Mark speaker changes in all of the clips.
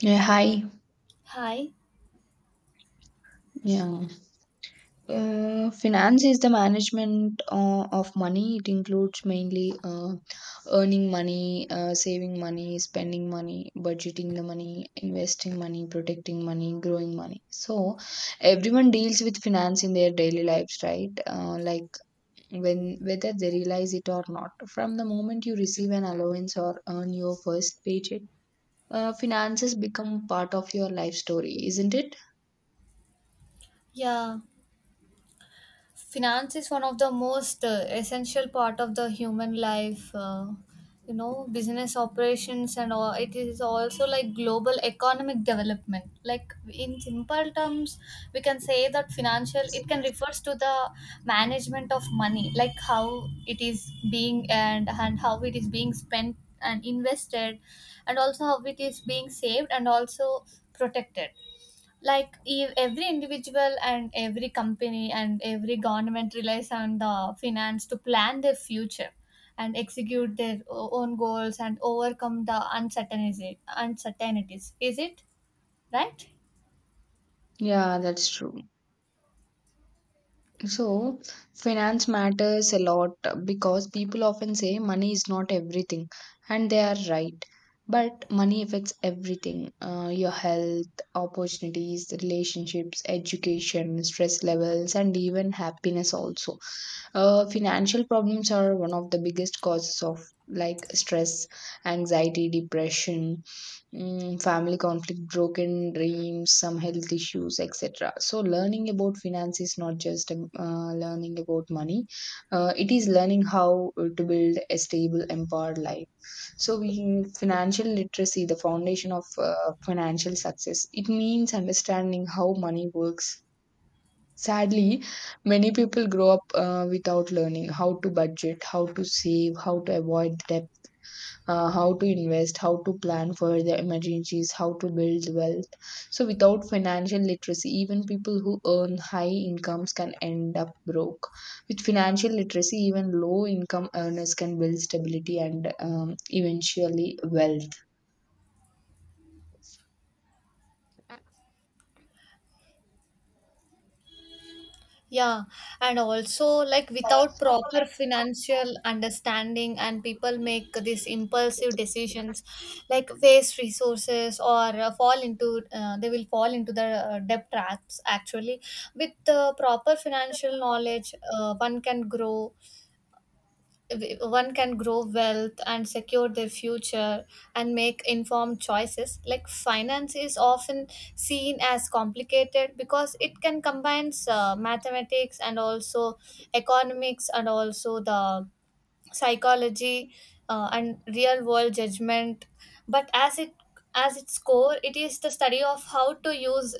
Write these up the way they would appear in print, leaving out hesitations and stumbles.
Speaker 1: Yeah, hi.
Speaker 2: Hi.
Speaker 1: Yeah. Finance is the management of money. It includes mainly earning money, saving money, spending money, budgeting the money, investing money, protecting money, growing money. So everyone deals with finance in their daily lives, right? Like when Whether they realize it or not. From the moment you receive an allowance or earn your first paycheck, finances become part of your life story, isn't it?
Speaker 2: Yeah, finance is one of the most essential part of the human life. Business operations and all. It is also like global economic development. Like in simple terms, we can say that financial. It can refers to the management of money, like how it is being and how it is being spent and invested, and also how it is being saved and also protected like every individual and every company and every government relies on the finance to plan their future and execute their own goals and overcome the uncertainty uncertainties, is it right?
Speaker 1: Yeah, that's true. So, finance matters a lot because people often say money is not everything, and they are right. But money affects everything, your health, opportunities, relationships, education, stress levels, and even happiness also. Financial problems are one of the biggest causes of like stress, anxiety, depression, family conflict, broken dreams, some health issues, etc. So, learning about finance is not just learning about money, it is learning how to build a stable, empowered life. So, financial literacy, the foundation of financial success, it means understanding how money works. Sadly, many people grow up without learning how to budget, how to save, how to avoid debt, how to invest, how to plan for their emergencies, how to build wealth. So, without financial literacy, even people who earn high incomes can end up broke. With financial literacy, even low income earners can build stability and, eventually, wealth.
Speaker 2: Yeah, and also like without proper financial understanding and people make these impulsive decisions like waste resources or fall into they will fall into the debt traps actually. With the proper financial knowledge, one can grow, one can grow wealth and secure their future and make informed choices. Like finance is often seen as complicated because it can combines mathematics and also economics and also the psychology and real world judgment, but as its core, it is the study of how to use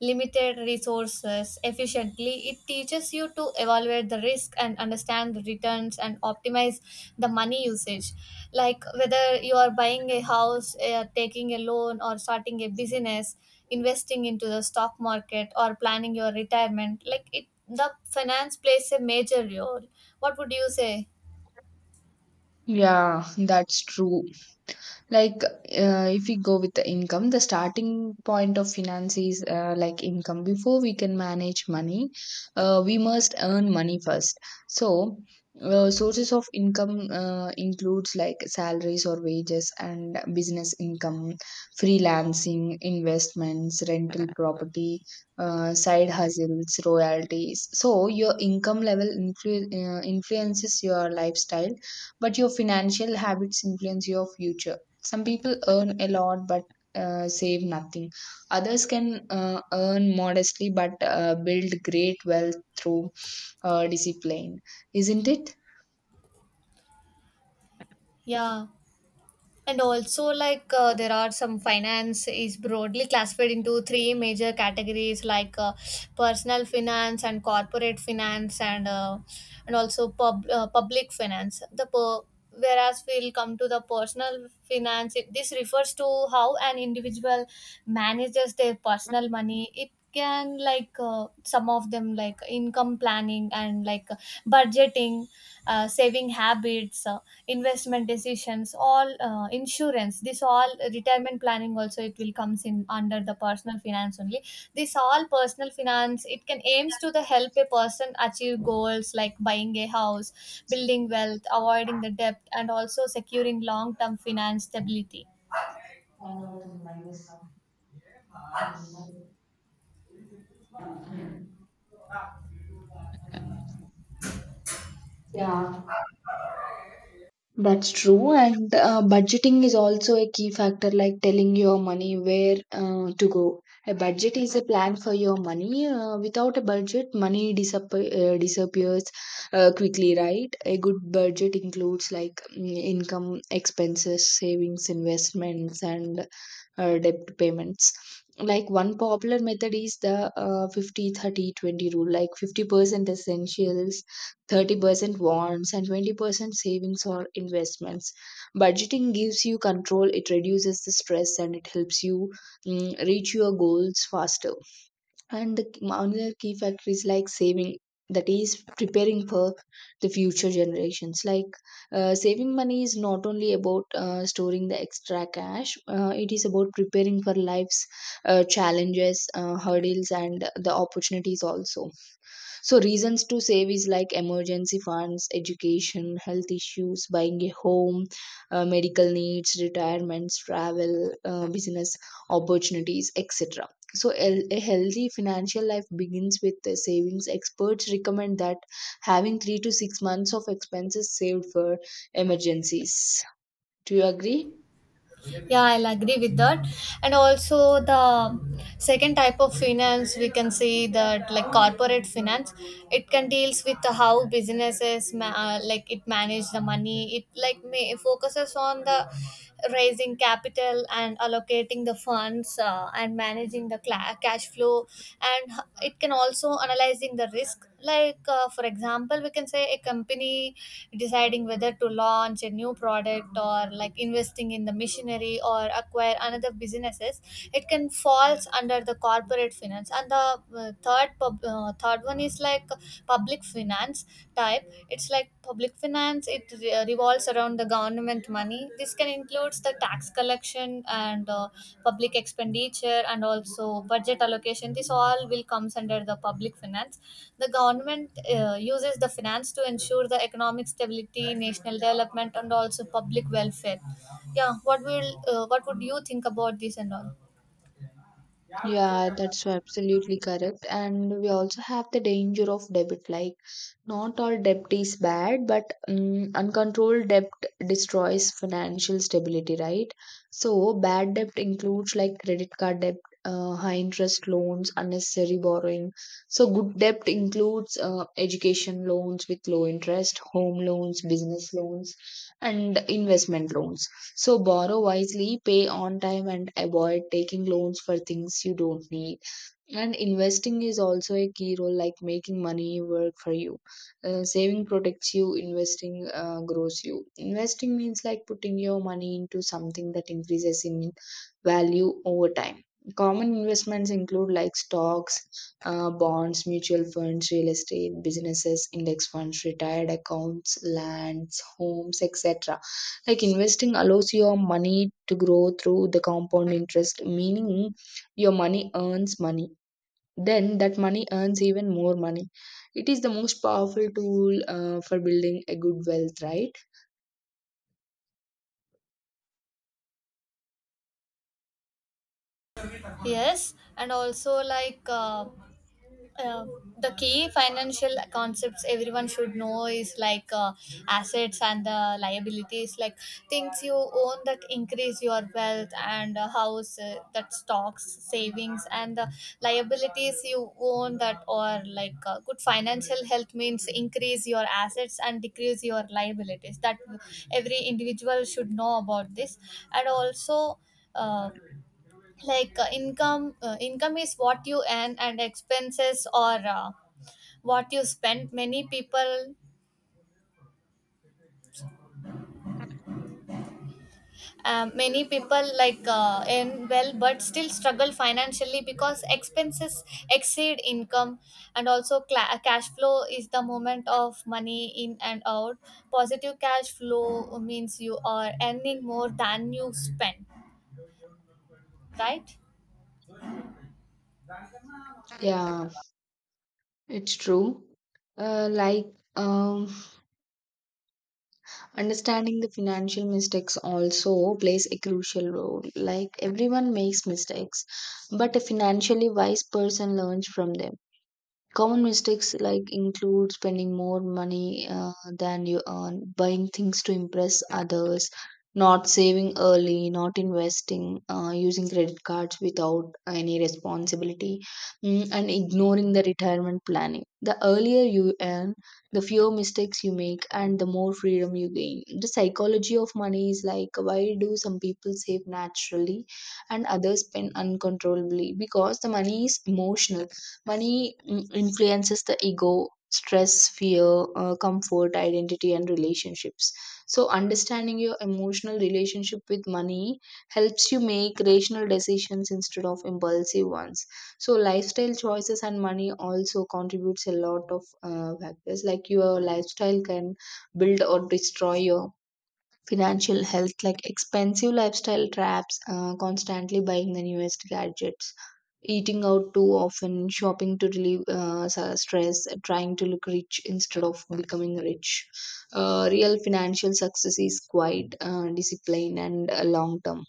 Speaker 2: limited resources efficiently. It teaches you to evaluate the risk and understand the returns and optimize the money usage, like whether you are buying a house, taking a loan or starting a business, investing into the stock market or planning your retirement. Like it the finance plays a major role. What would you say?
Speaker 1: Yeah, that's true. If we go with the income, the starting point of finance is income. Before we can manage money, we must earn money first. So, sources of income includes like salaries or wages and business income, freelancing, investments, rental property, side hustles, royalties. So, your influences your lifestyle, but your financial habits influence your future. Some people earn a lot but save nothing. Others can earn modestly but build great wealth through discipline, isn't it?
Speaker 2: Yeah, and also like there are some finance is broadly classified into three major categories, like personal finance and corporate finance and also public finance. Whereas we'll come to the personal finance, this refers to how an individual manages their personal money. It can like some of them like income planning and like budgeting, saving habits. Investment decisions all, insurance, this all retirement planning also, it will comes in under the personal finance only. This all personal finance, it can aims to the help a person achieve goals like buying a house, building wealth, avoiding the debt and also securing long term finance stability.
Speaker 1: Yeah, that's true. And budgeting is also a key factor, like telling your money where to go. A budget is a plan for your money. Without a budget, money disappears quickly, right? A good budget includes like income, expenses, savings, investments, and debt payments. Like, one popular method is the 50 30 20 rule, like 50% essentials, 30% wants, and 20% savings or investments. Budgeting gives you control, it reduces the stress, and it helps you reach your goals faster. And another key factor is like saving, that is preparing for the future generations. Like, saving money is not only about storing the extra cash, it is about preparing for life's challenges, hurdles, and the opportunities also. So reasons to save is like emergency funds, education, health issues, buying a home, medical needs, retirements, travel, business opportunities, etc. So a healthy financial life begins with the savings. Experts recommend that having 3 to 6 months of expenses saved for emergencies. Do you agree?
Speaker 2: Yeah, I'll agree with that. And also, the second type of finance we can see that like corporate finance. It can deals with how businesses like it manage the money. It like may focuses on the raising capital and allocating the funds, and managing the cla cash flow, and it can also analyzing the risk. Like, for example, we can say a company deciding whether to launch a new product or like investing in the machinery or acquire another businesses. It can falls under the corporate finance. And the third one is like public finance type. It's like public finance. It revolves around the government money. This can includes the tax collection and public expenditure and also budget allocation. This all will comes under the public finance. The government uses the finance to ensure the economic stability, national development and also public welfare. Yeah, what would you think about this and all?
Speaker 1: Yeah, that's so absolutely correct. And we also have the danger of debt. Like, not all debt is bad, but uncontrolled debt destroys financial stability, right? So, bad debt includes like credit card debt, high interest loans, unnecessary borrowing. So, good debt includes education loans with low interest, home loans, business loans, and investment loans. So borrow wisely, pay on time, and avoid taking loans for things you don't need. And investing is also a key role, like making money work for you. Saving protects you, investing grows you. Investing means like putting your money into something that increases in value over time. Common investments include like stocks, bonds, mutual funds, real estate, businesses, index funds, retired accounts, lands, homes, etc. Like, investing allows your money to grow through the compound interest, meaning your money earns money, then that money earns even more money. It is the most powerful tool for building a good wealth, right?
Speaker 2: Yes, and also like uh, the key financial concepts everyone should know is like, assets and the liabilities, like things you own that increase your wealth and a house, that stocks, savings, and the liabilities you own that. Or like, good financial health means increase your assets and decrease your liabilities. That every individual should know about this. And also, uh, income is what you earn and expenses or what you spend. Many people, many people like earn well but still struggle financially because expenses exceed income. And also cla cash flow is the movement of money in and out. Positive cash flow means you are earning more than you spend, right?
Speaker 1: Yeah, it's true. uh, like um, Understanding the financial mistakes also plays a crucial role. Like, everyone makes mistakes, but a financially wise person learns from them. Common mistakes like include spending more money than you earn, buying things to impress others, not saving early, not investing, using credit cards without any responsibility, and ignoring the retirement planning. The earlier you earn, the fewer mistakes you make, and the more freedom you gain. The psychology of money is like, why do some people save naturally and others spend uncontrollably? Because the money is emotional. Money influences the ego, stress, fear, comfort, identity, and relationships. So, understanding your emotional relationship with money helps you make rational decisions instead of impulsive ones. So, lifestyle choices and money also contributes a lot of factors. Like, your lifestyle can build or destroy your financial health. Like, expensive lifestyle traps, constantly buying the newest gadgets, eating out too often, shopping to relieve stress, trying to look rich instead of becoming rich. Real financial success is quite discipline and long term.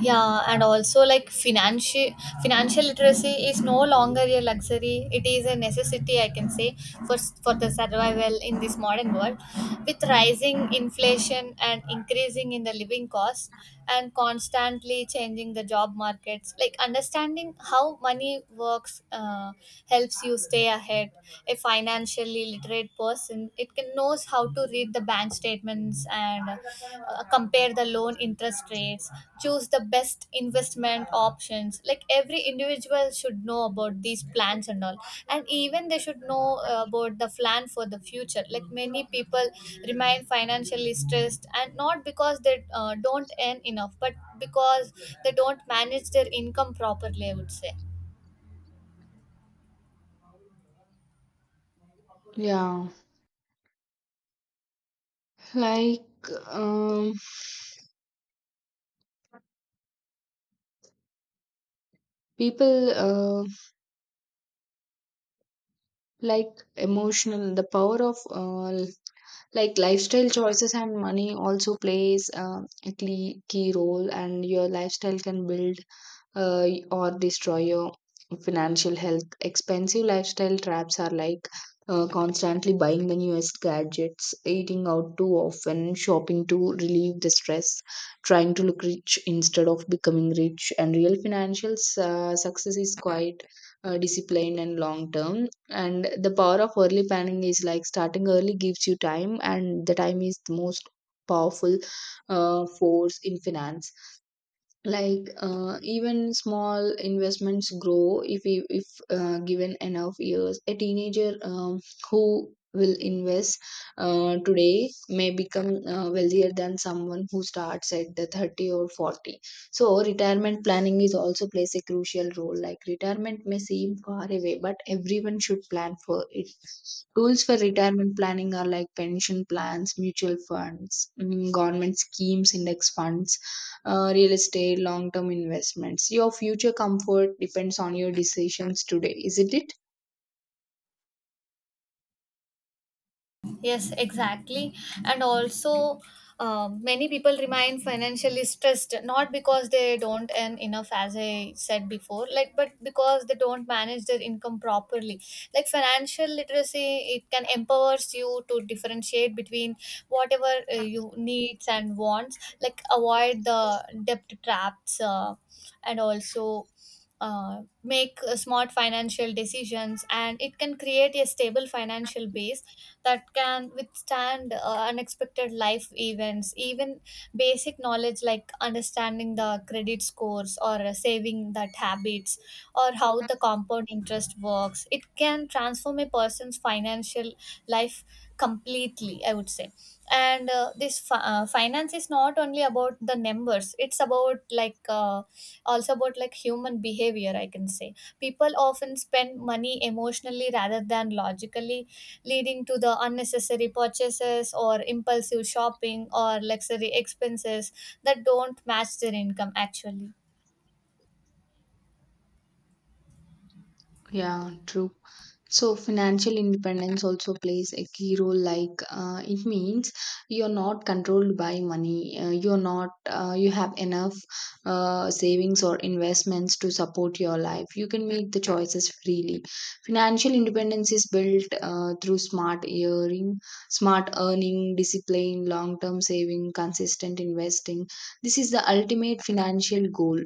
Speaker 2: Yeah, and also like financial literacy is no longer a luxury, it is a necessity, I can say. for for the survival in this modern world, with rising inflation and increasing in the living costs and constantly changing the job markets, like understanding how money works, helps you stay ahead. A financially literate person, it can knows how to read the bank statements and compare the loan interest rates, choose the best investment options. Like every individual should know about these plans and all. And even they should know about the plan for the future. Like many people remain financially stressed and not because they don't earn enough, but because they don't manage their income properly, I would say.
Speaker 1: Yeah like people like Emotional, the power of lifestyle choices and money also plays a key role, and your lifestyle can build or destroy your financial health. Expensive lifestyle traps are like constantly buying the newest gadgets, eating out too often, shopping to relieve the stress, trying to look rich instead of becoming rich. And real financial success is quite disciplined and long term. And the power of early planning is like, starting early gives you time, and the time is the most powerful force in finance. Like, even small investments grow if given enough years. A teenager, who will invest today may become wealthier than someone who starts at the 30 or 40. So retirement planning is also plays a crucial role. Like, retirement may seem far away but everyone should plan for it. Tools for retirement planning are like pension plans, mutual funds, government schemes, index funds, real estate, long term investments. Your future comfort depends on your decisions today, isn't it?
Speaker 2: Yes, exactly. And also, many people remain financially stressed not because they don't earn enough, as I said before, like but because they don't manage their income properly. Like financial literacy, it can empowers you to differentiate between whatever you needs and wants. Like avoid the debt traps, and also. Make smart financial decisions and it can create a stable financial base that can withstand unexpected life events. Even basic knowledge like understanding the credit scores or saving that habits or how the compound interest works, it can transform a person's financial life completely, I would say. And finance is not only about the numbers, it's about like also about like human behavior, I can say. People often spend money emotionally rather than logically, leading to the unnecessary purchases or impulsive shopping or luxury expenses that don't match their income actually.
Speaker 1: Yeah, true. So, financial independence also plays a key role. Like, it means you're not controlled by money. You're not, You have enough savings or investments to support your life. You can make the choices freely. Financial independence is built through smart earning, discipline, long term saving, consistent investing. This is the ultimate financial goal.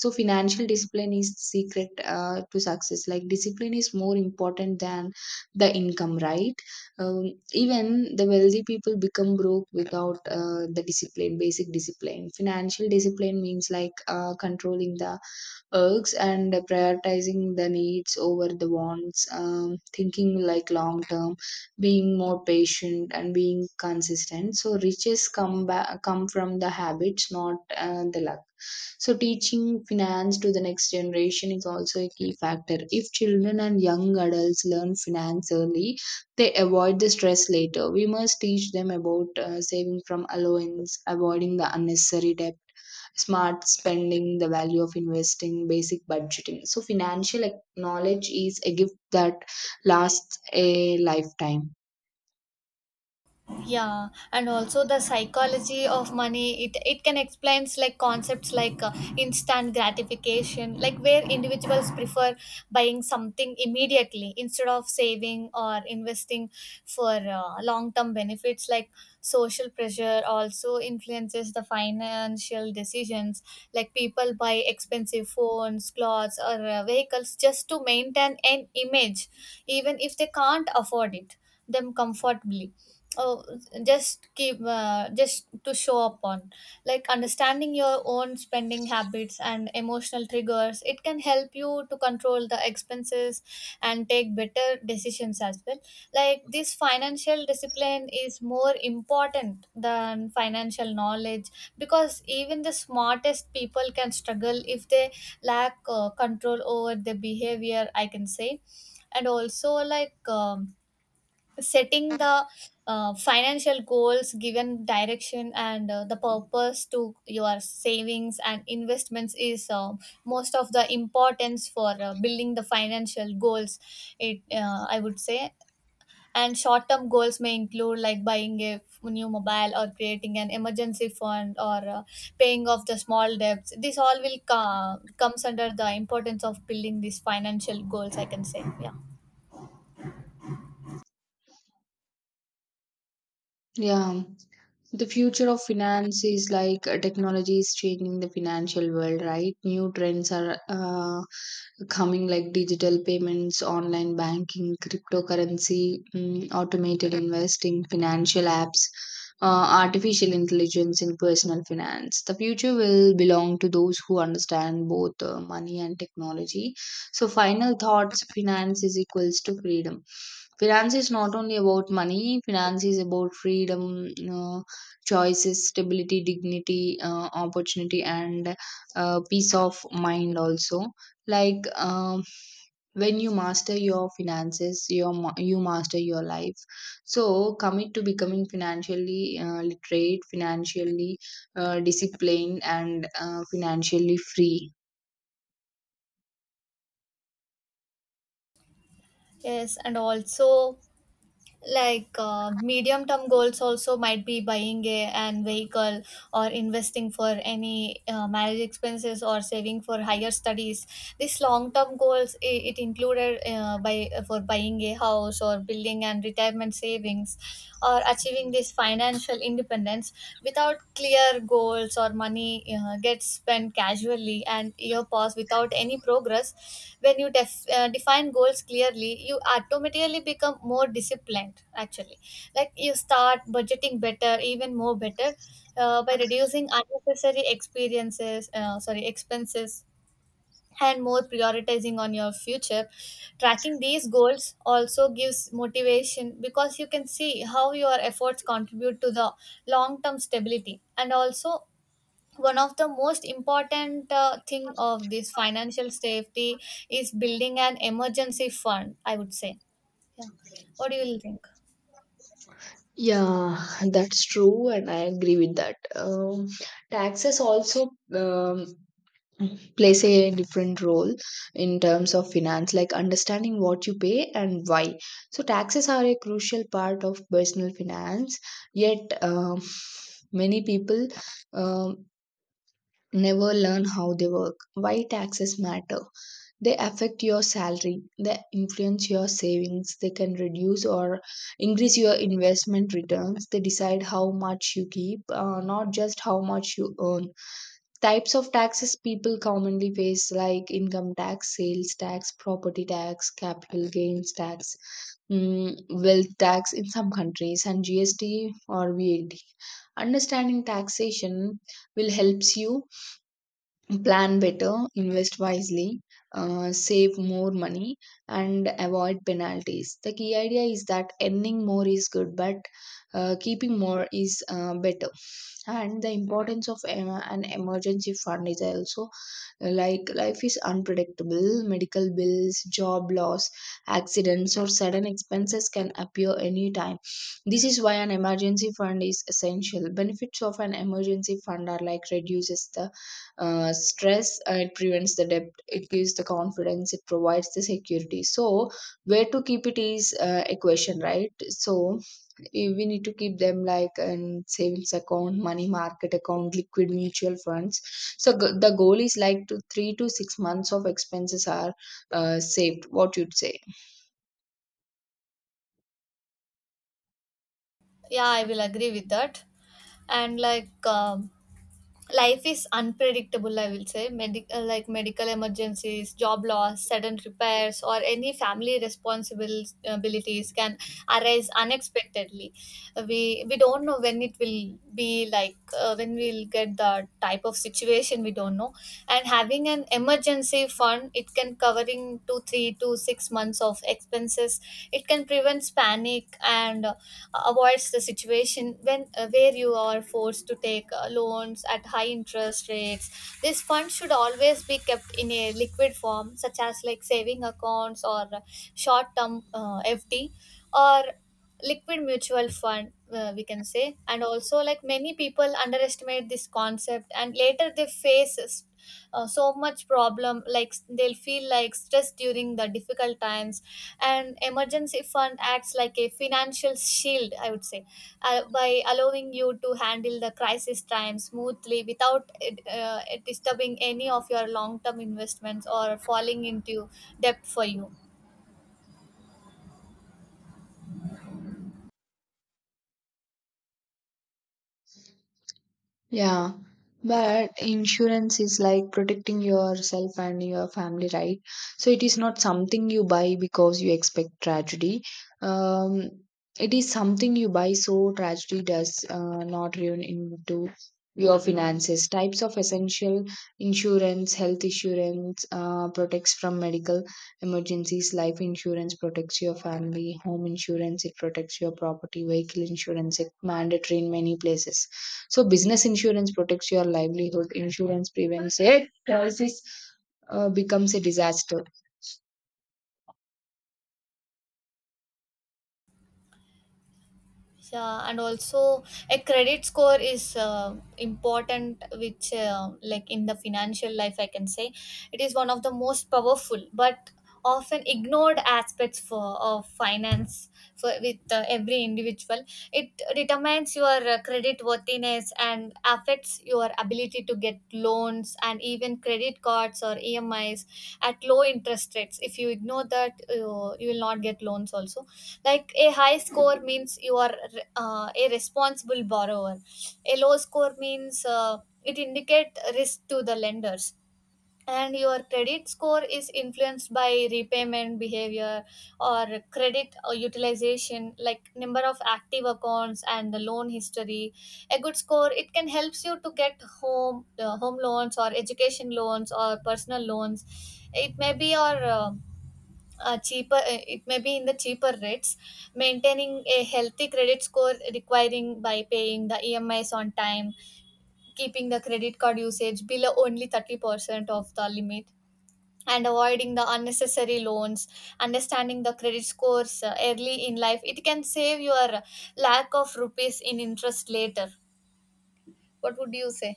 Speaker 1: So financial discipline is secret to success. Like, discipline is more important than the income, right? um, Even the wealthy people become broke without the discipline basic discipline financial discipline. Means like controlling the urges and prioritizing the needs over the wants, thinking like long term, being more patient and being consistent. So riches come from the habits, not the luck. So teaching finance to the next generation is also a key factor. If children and young adults learn finance early, they avoid the stress later. We must teach them about saving from allowance, avoiding the unnecessary debt, smart spending, the value of investing, basic budgeting. So, financial knowledge is a gift that lasts a lifetime.
Speaker 2: Yeah, and also the psychology of money, it can explains like concepts like instant gratification, like where individuals prefer buying something immediately instead of saving or investing for long term benefits. Like social pressure also influences the financial decisions, like people buy expensive phones, clothes or vehicles just to maintain an image, even if they can't afford it them comfortably. Oh, just keep just to show up on. Like understanding your own spending habits and emotional triggers, it can help you to control the expenses and take better decisions as well. Like this financial discipline is more important than financial knowledge, because even the smartest people can struggle if they lack control over their behavior, I can say. And also like setting the financial goals given direction and the purpose to your savings and investments is most of the importance for building the financial goals, it I would say. And short term goals may include like buying a new mobile or creating an emergency fund or paying off the small debts. This all will comes under the importance of building these financial goals, I can say. Yeah,
Speaker 1: Yeah, the future of finance is like, technology is changing the financial world, right? New trends are coming, like digital payments, online banking, cryptocurrency, automated investing, financial apps, artificial intelligence in personal finance. The future will belong to those who understand both money and technology. So, final thoughts, finance is equals to freedom. Finance is not only about money, finance is about freedom, choices, stability, dignity, opportunity, and peace of mind also. like um, when you master your finances, you master your life. So commit to becoming financially literate, financially disciplined, and financially free.
Speaker 2: yes, and also like medium term goals also might be buying a an vehicle or investing for any marriage expenses or saving for higher studies. This long term goals it included by for buying a house or building and retirement savings or achieving this financial independence. Without clear goals or money, gets spent casually and year pass without any progress. When you define goals clearly, you automatically become more disciplined actually. Like you start budgeting better, even more better, by reducing unnecessary experiences, sorry, expenses, and more prioritizing on your future. Tracking these goals also gives motivation because you can see how your efforts contribute to the long term stability. And also one of the most important thing of this financial safety is building an emergency fund, I would say. Yeah, what do you think?
Speaker 1: Yeah, that's true, and I agree with that. Taxes also. Um, Plays a different role in terms of finance, like understanding what you pay and why. So taxes are a crucial part of personal finance, yet many people um, never learn how they work. Why taxes matter: they affect your salary, they influence your savings, they can reduce or increase your investment returns, they decide how much you keep, not just how much you earn. Types of taxes people commonly face like income tax, sales tax, property tax, capital gains tax, wealth tax in some countries, and GST or VAT. Understanding taxation will helps you plan better, invest wisely, save more money, and avoid penalties. The key idea is that earning more is good, but keeping more is better. And the importance of an emergency fund is also, like, life is unpredictable. Medical bills, job loss, accidents, or sudden expenses can appear anytime. This is why an emergency fund is essential. Benefits of an emergency fund are like reduces the stress, it prevents the debt, it gives the confidence, it provides the security. So where to keep it is a question, right? So we need to keep them like in savings account, money market account, liquid mutual funds. So the goal is like to 3 to 6 months of expenses are saved. What you'd say?
Speaker 2: Yeah, I will agree with that. And like life is unpredictable, I will say. Like medical emergencies, job loss, sudden repairs or any family responsibilities can arise unexpectedly. We don't know when it will be, like when we'll get the type of situation, we don't know. And having an emergency fund, it can covering to 3 to 6 months of expenses. It can prevent panic and avoids the situation when where you are forced to take loans at high interest rates. This fund should always be kept in a liquid form, such as like saving accounts or short term FD or liquid mutual fund, we can say. And also like many people underestimate this concept and later they face so much problem, like they'll feel like stress during the difficult times. And emergency fund acts like a financial shield, I would say, by allowing you to handle the crisis time smoothly without it disturbing any of your long term investments or falling into debt for you.
Speaker 1: Yeah, but insurance is like protecting yourself and your family, right? So it is not something you buy because you expect tragedy. Um, it is something you buy so tragedy does not ruin into your finances. Types of essential insurance: health insurance protects from medical emergencies. Life insurance protects your family. Home insurance, it protects your property. Vehicle insurance, it mandatory in many places. So business insurance protects your livelihood. Insurance prevents a crisis becomes a disaster.
Speaker 2: Yeah, and also a credit score is important, which like in the financial life, I can say. It is one of the most powerful but often ignored aspects for of finance for with every individual It determines your credit worthiness and affects your ability to get loans and even credit cards or emis at low interest rates. If you ignore that, you will not get loans also. Like, a high score means you are a responsible borrower. A low score means, it indicate risk to the lenders. And your credit score is influenced by repayment behavior or credit or utilization, like number of active accounts and the loan history. A good score, it can helps you to get home home loans or education loans or personal loans. It may be your cheaper, it may be in the cheaper rates. Maintaining a healthy credit score requiring by paying the emis on time, keeping the credit card usage below only 30% of the limit, and avoiding the unnecessary loans. Understanding the credit scores early in life, it can save your lack of rupees in interest later. What would you say?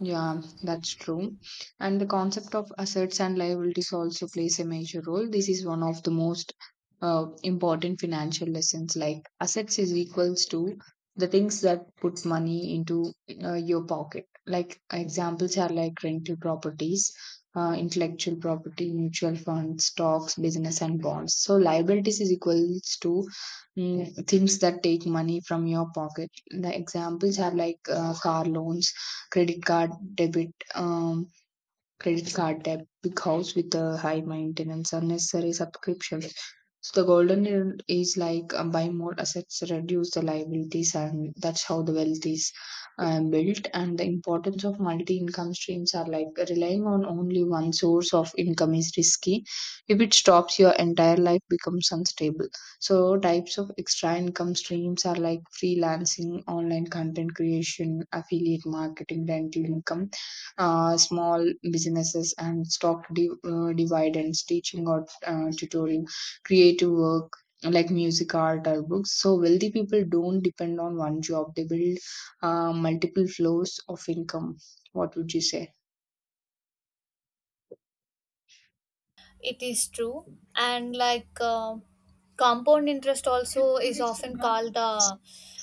Speaker 1: Yeah, that's true. And the concept of assets and liabilities also plays a major role. This is one of the most important financial lessons. Like assets is equals to the things that put money into your pocket. Like examples are like rental properties, intellectual property, mutual funds, stocks, business, and bonds. So liabilities is equals to things that take money from your pocket. The examples are like car loans, credit card debit, credit card debt, big house with the high maintenance, unnecessary subscriptions. So the golden rule is like, buy more assets, reduce the liabilities, and that's how the wealth is built. And the importance of multi-income streams are like relying on only one source of income is risky. If it stops, your entire life becomes unstable. So types of extra income streams are like freelancing, online content creation, affiliate marketing, rental income, small businesses, and stock dividends, teaching or tutoring, creative work like music, art, or books. So wealthy people don't depend on one job, they build multiple flows of income. What would you say?
Speaker 2: It is true. And like, compound interest also is often called the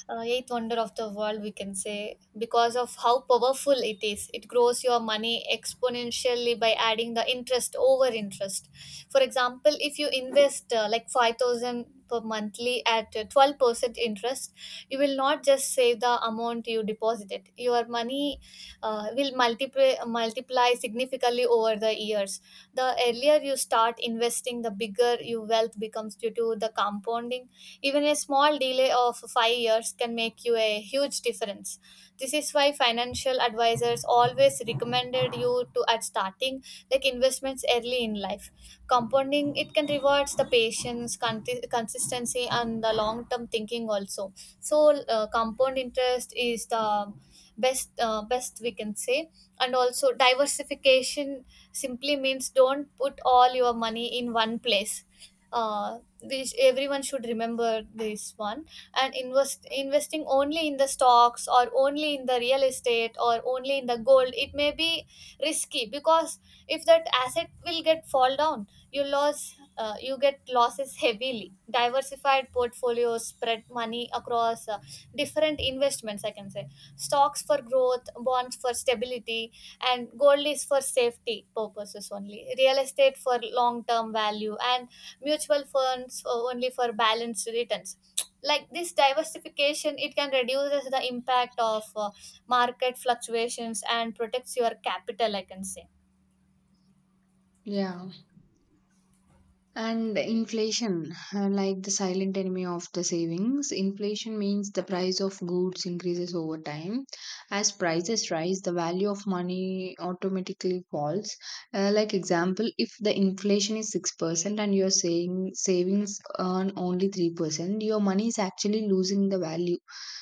Speaker 2: eighth wonder of the world, we can say, because of how powerful it is. It grows your money exponentially by adding the interest over interest. For example, if you invest like 5,000 per monthly at 12% interest, you will not just save the amount you deposited. Your money will multiply significantly over the years. The earlier you start investing, the bigger your wealth becomes due to the compounding. Even a small delay of 5 years can make you a huge difference. This is why financial advisors always recommended you to at starting, like, investments early in life. Compounding, it can rewards the patience, consistency, and the long term thinking also. So compound interest is the best, best we can say. And also diversification simply means don't put all your money in one place. Uh, this, everyone should remember this one. And investing only in the stocks or only in the real estate or only in the gold, it may be risky, because if that asset will get fall down, you lose, you get losses heavily. Diversified portfolios spread money across different investments, I can say. Stocks for growth, bonds for stability, and gold is for safety purposes only, real estate for long term value, and mutual funds only for balanced returns. Like this diversification, it can reduces the impact of market fluctuations and protects your capital, I can say.
Speaker 1: Yeah. And inflation, like the silent enemy of the savings, inflation means the price of goods increases over time. As prices rise, the value of money automatically falls. Like example, if the inflation is 6% and you're saying savings earn only 3%, your money is actually losing the value.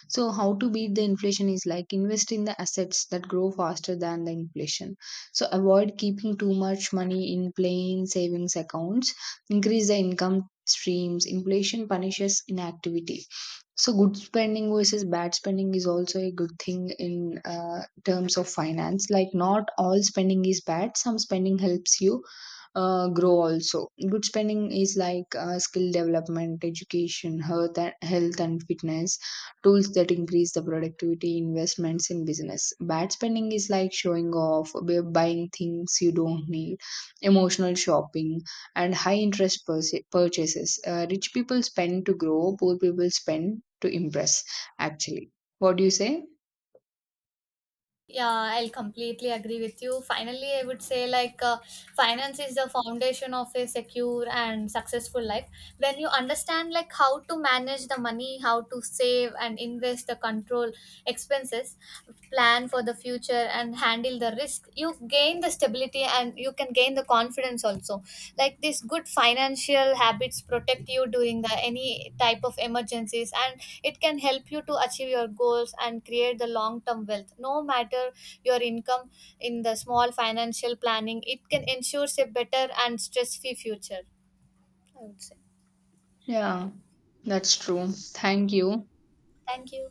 Speaker 1: So how to beat the inflation is like invest in the assets that grow faster than the inflation. So avoid keeping too much money in plain savings accounts, increase the income streams. Inflation punishes inactivity. So, good spending versus bad spending is also a good thing in terms of finance. Like, not all spending is bad, some spending helps you grow also. Good spending is like skill development, education, health and fitness, tools that increase the productivity, investments in business. Bad spending is like showing off, buying things you don't need, emotional shopping, and high interest purchases. Rich people spend to grow, poor people spend to impress, actually. What do you say?
Speaker 2: Yeah, I'll completely agree with you. Finally, I would say, like finance is the foundation of a secure and successful life. When you understand like how to manage the money, how to save and invest, the control expenses, plan for the future and handle the risk, you gain the stability and you can gain the confidence also. Like these good financial habits protect you during the any type of emergencies, and it can help you to achieve your goals and create the long term wealth no matter your income. In the small financial planning, it can ensures a better and stress free future, I would say.
Speaker 1: Yeah, that's true. Thank you.
Speaker 2: Thank you.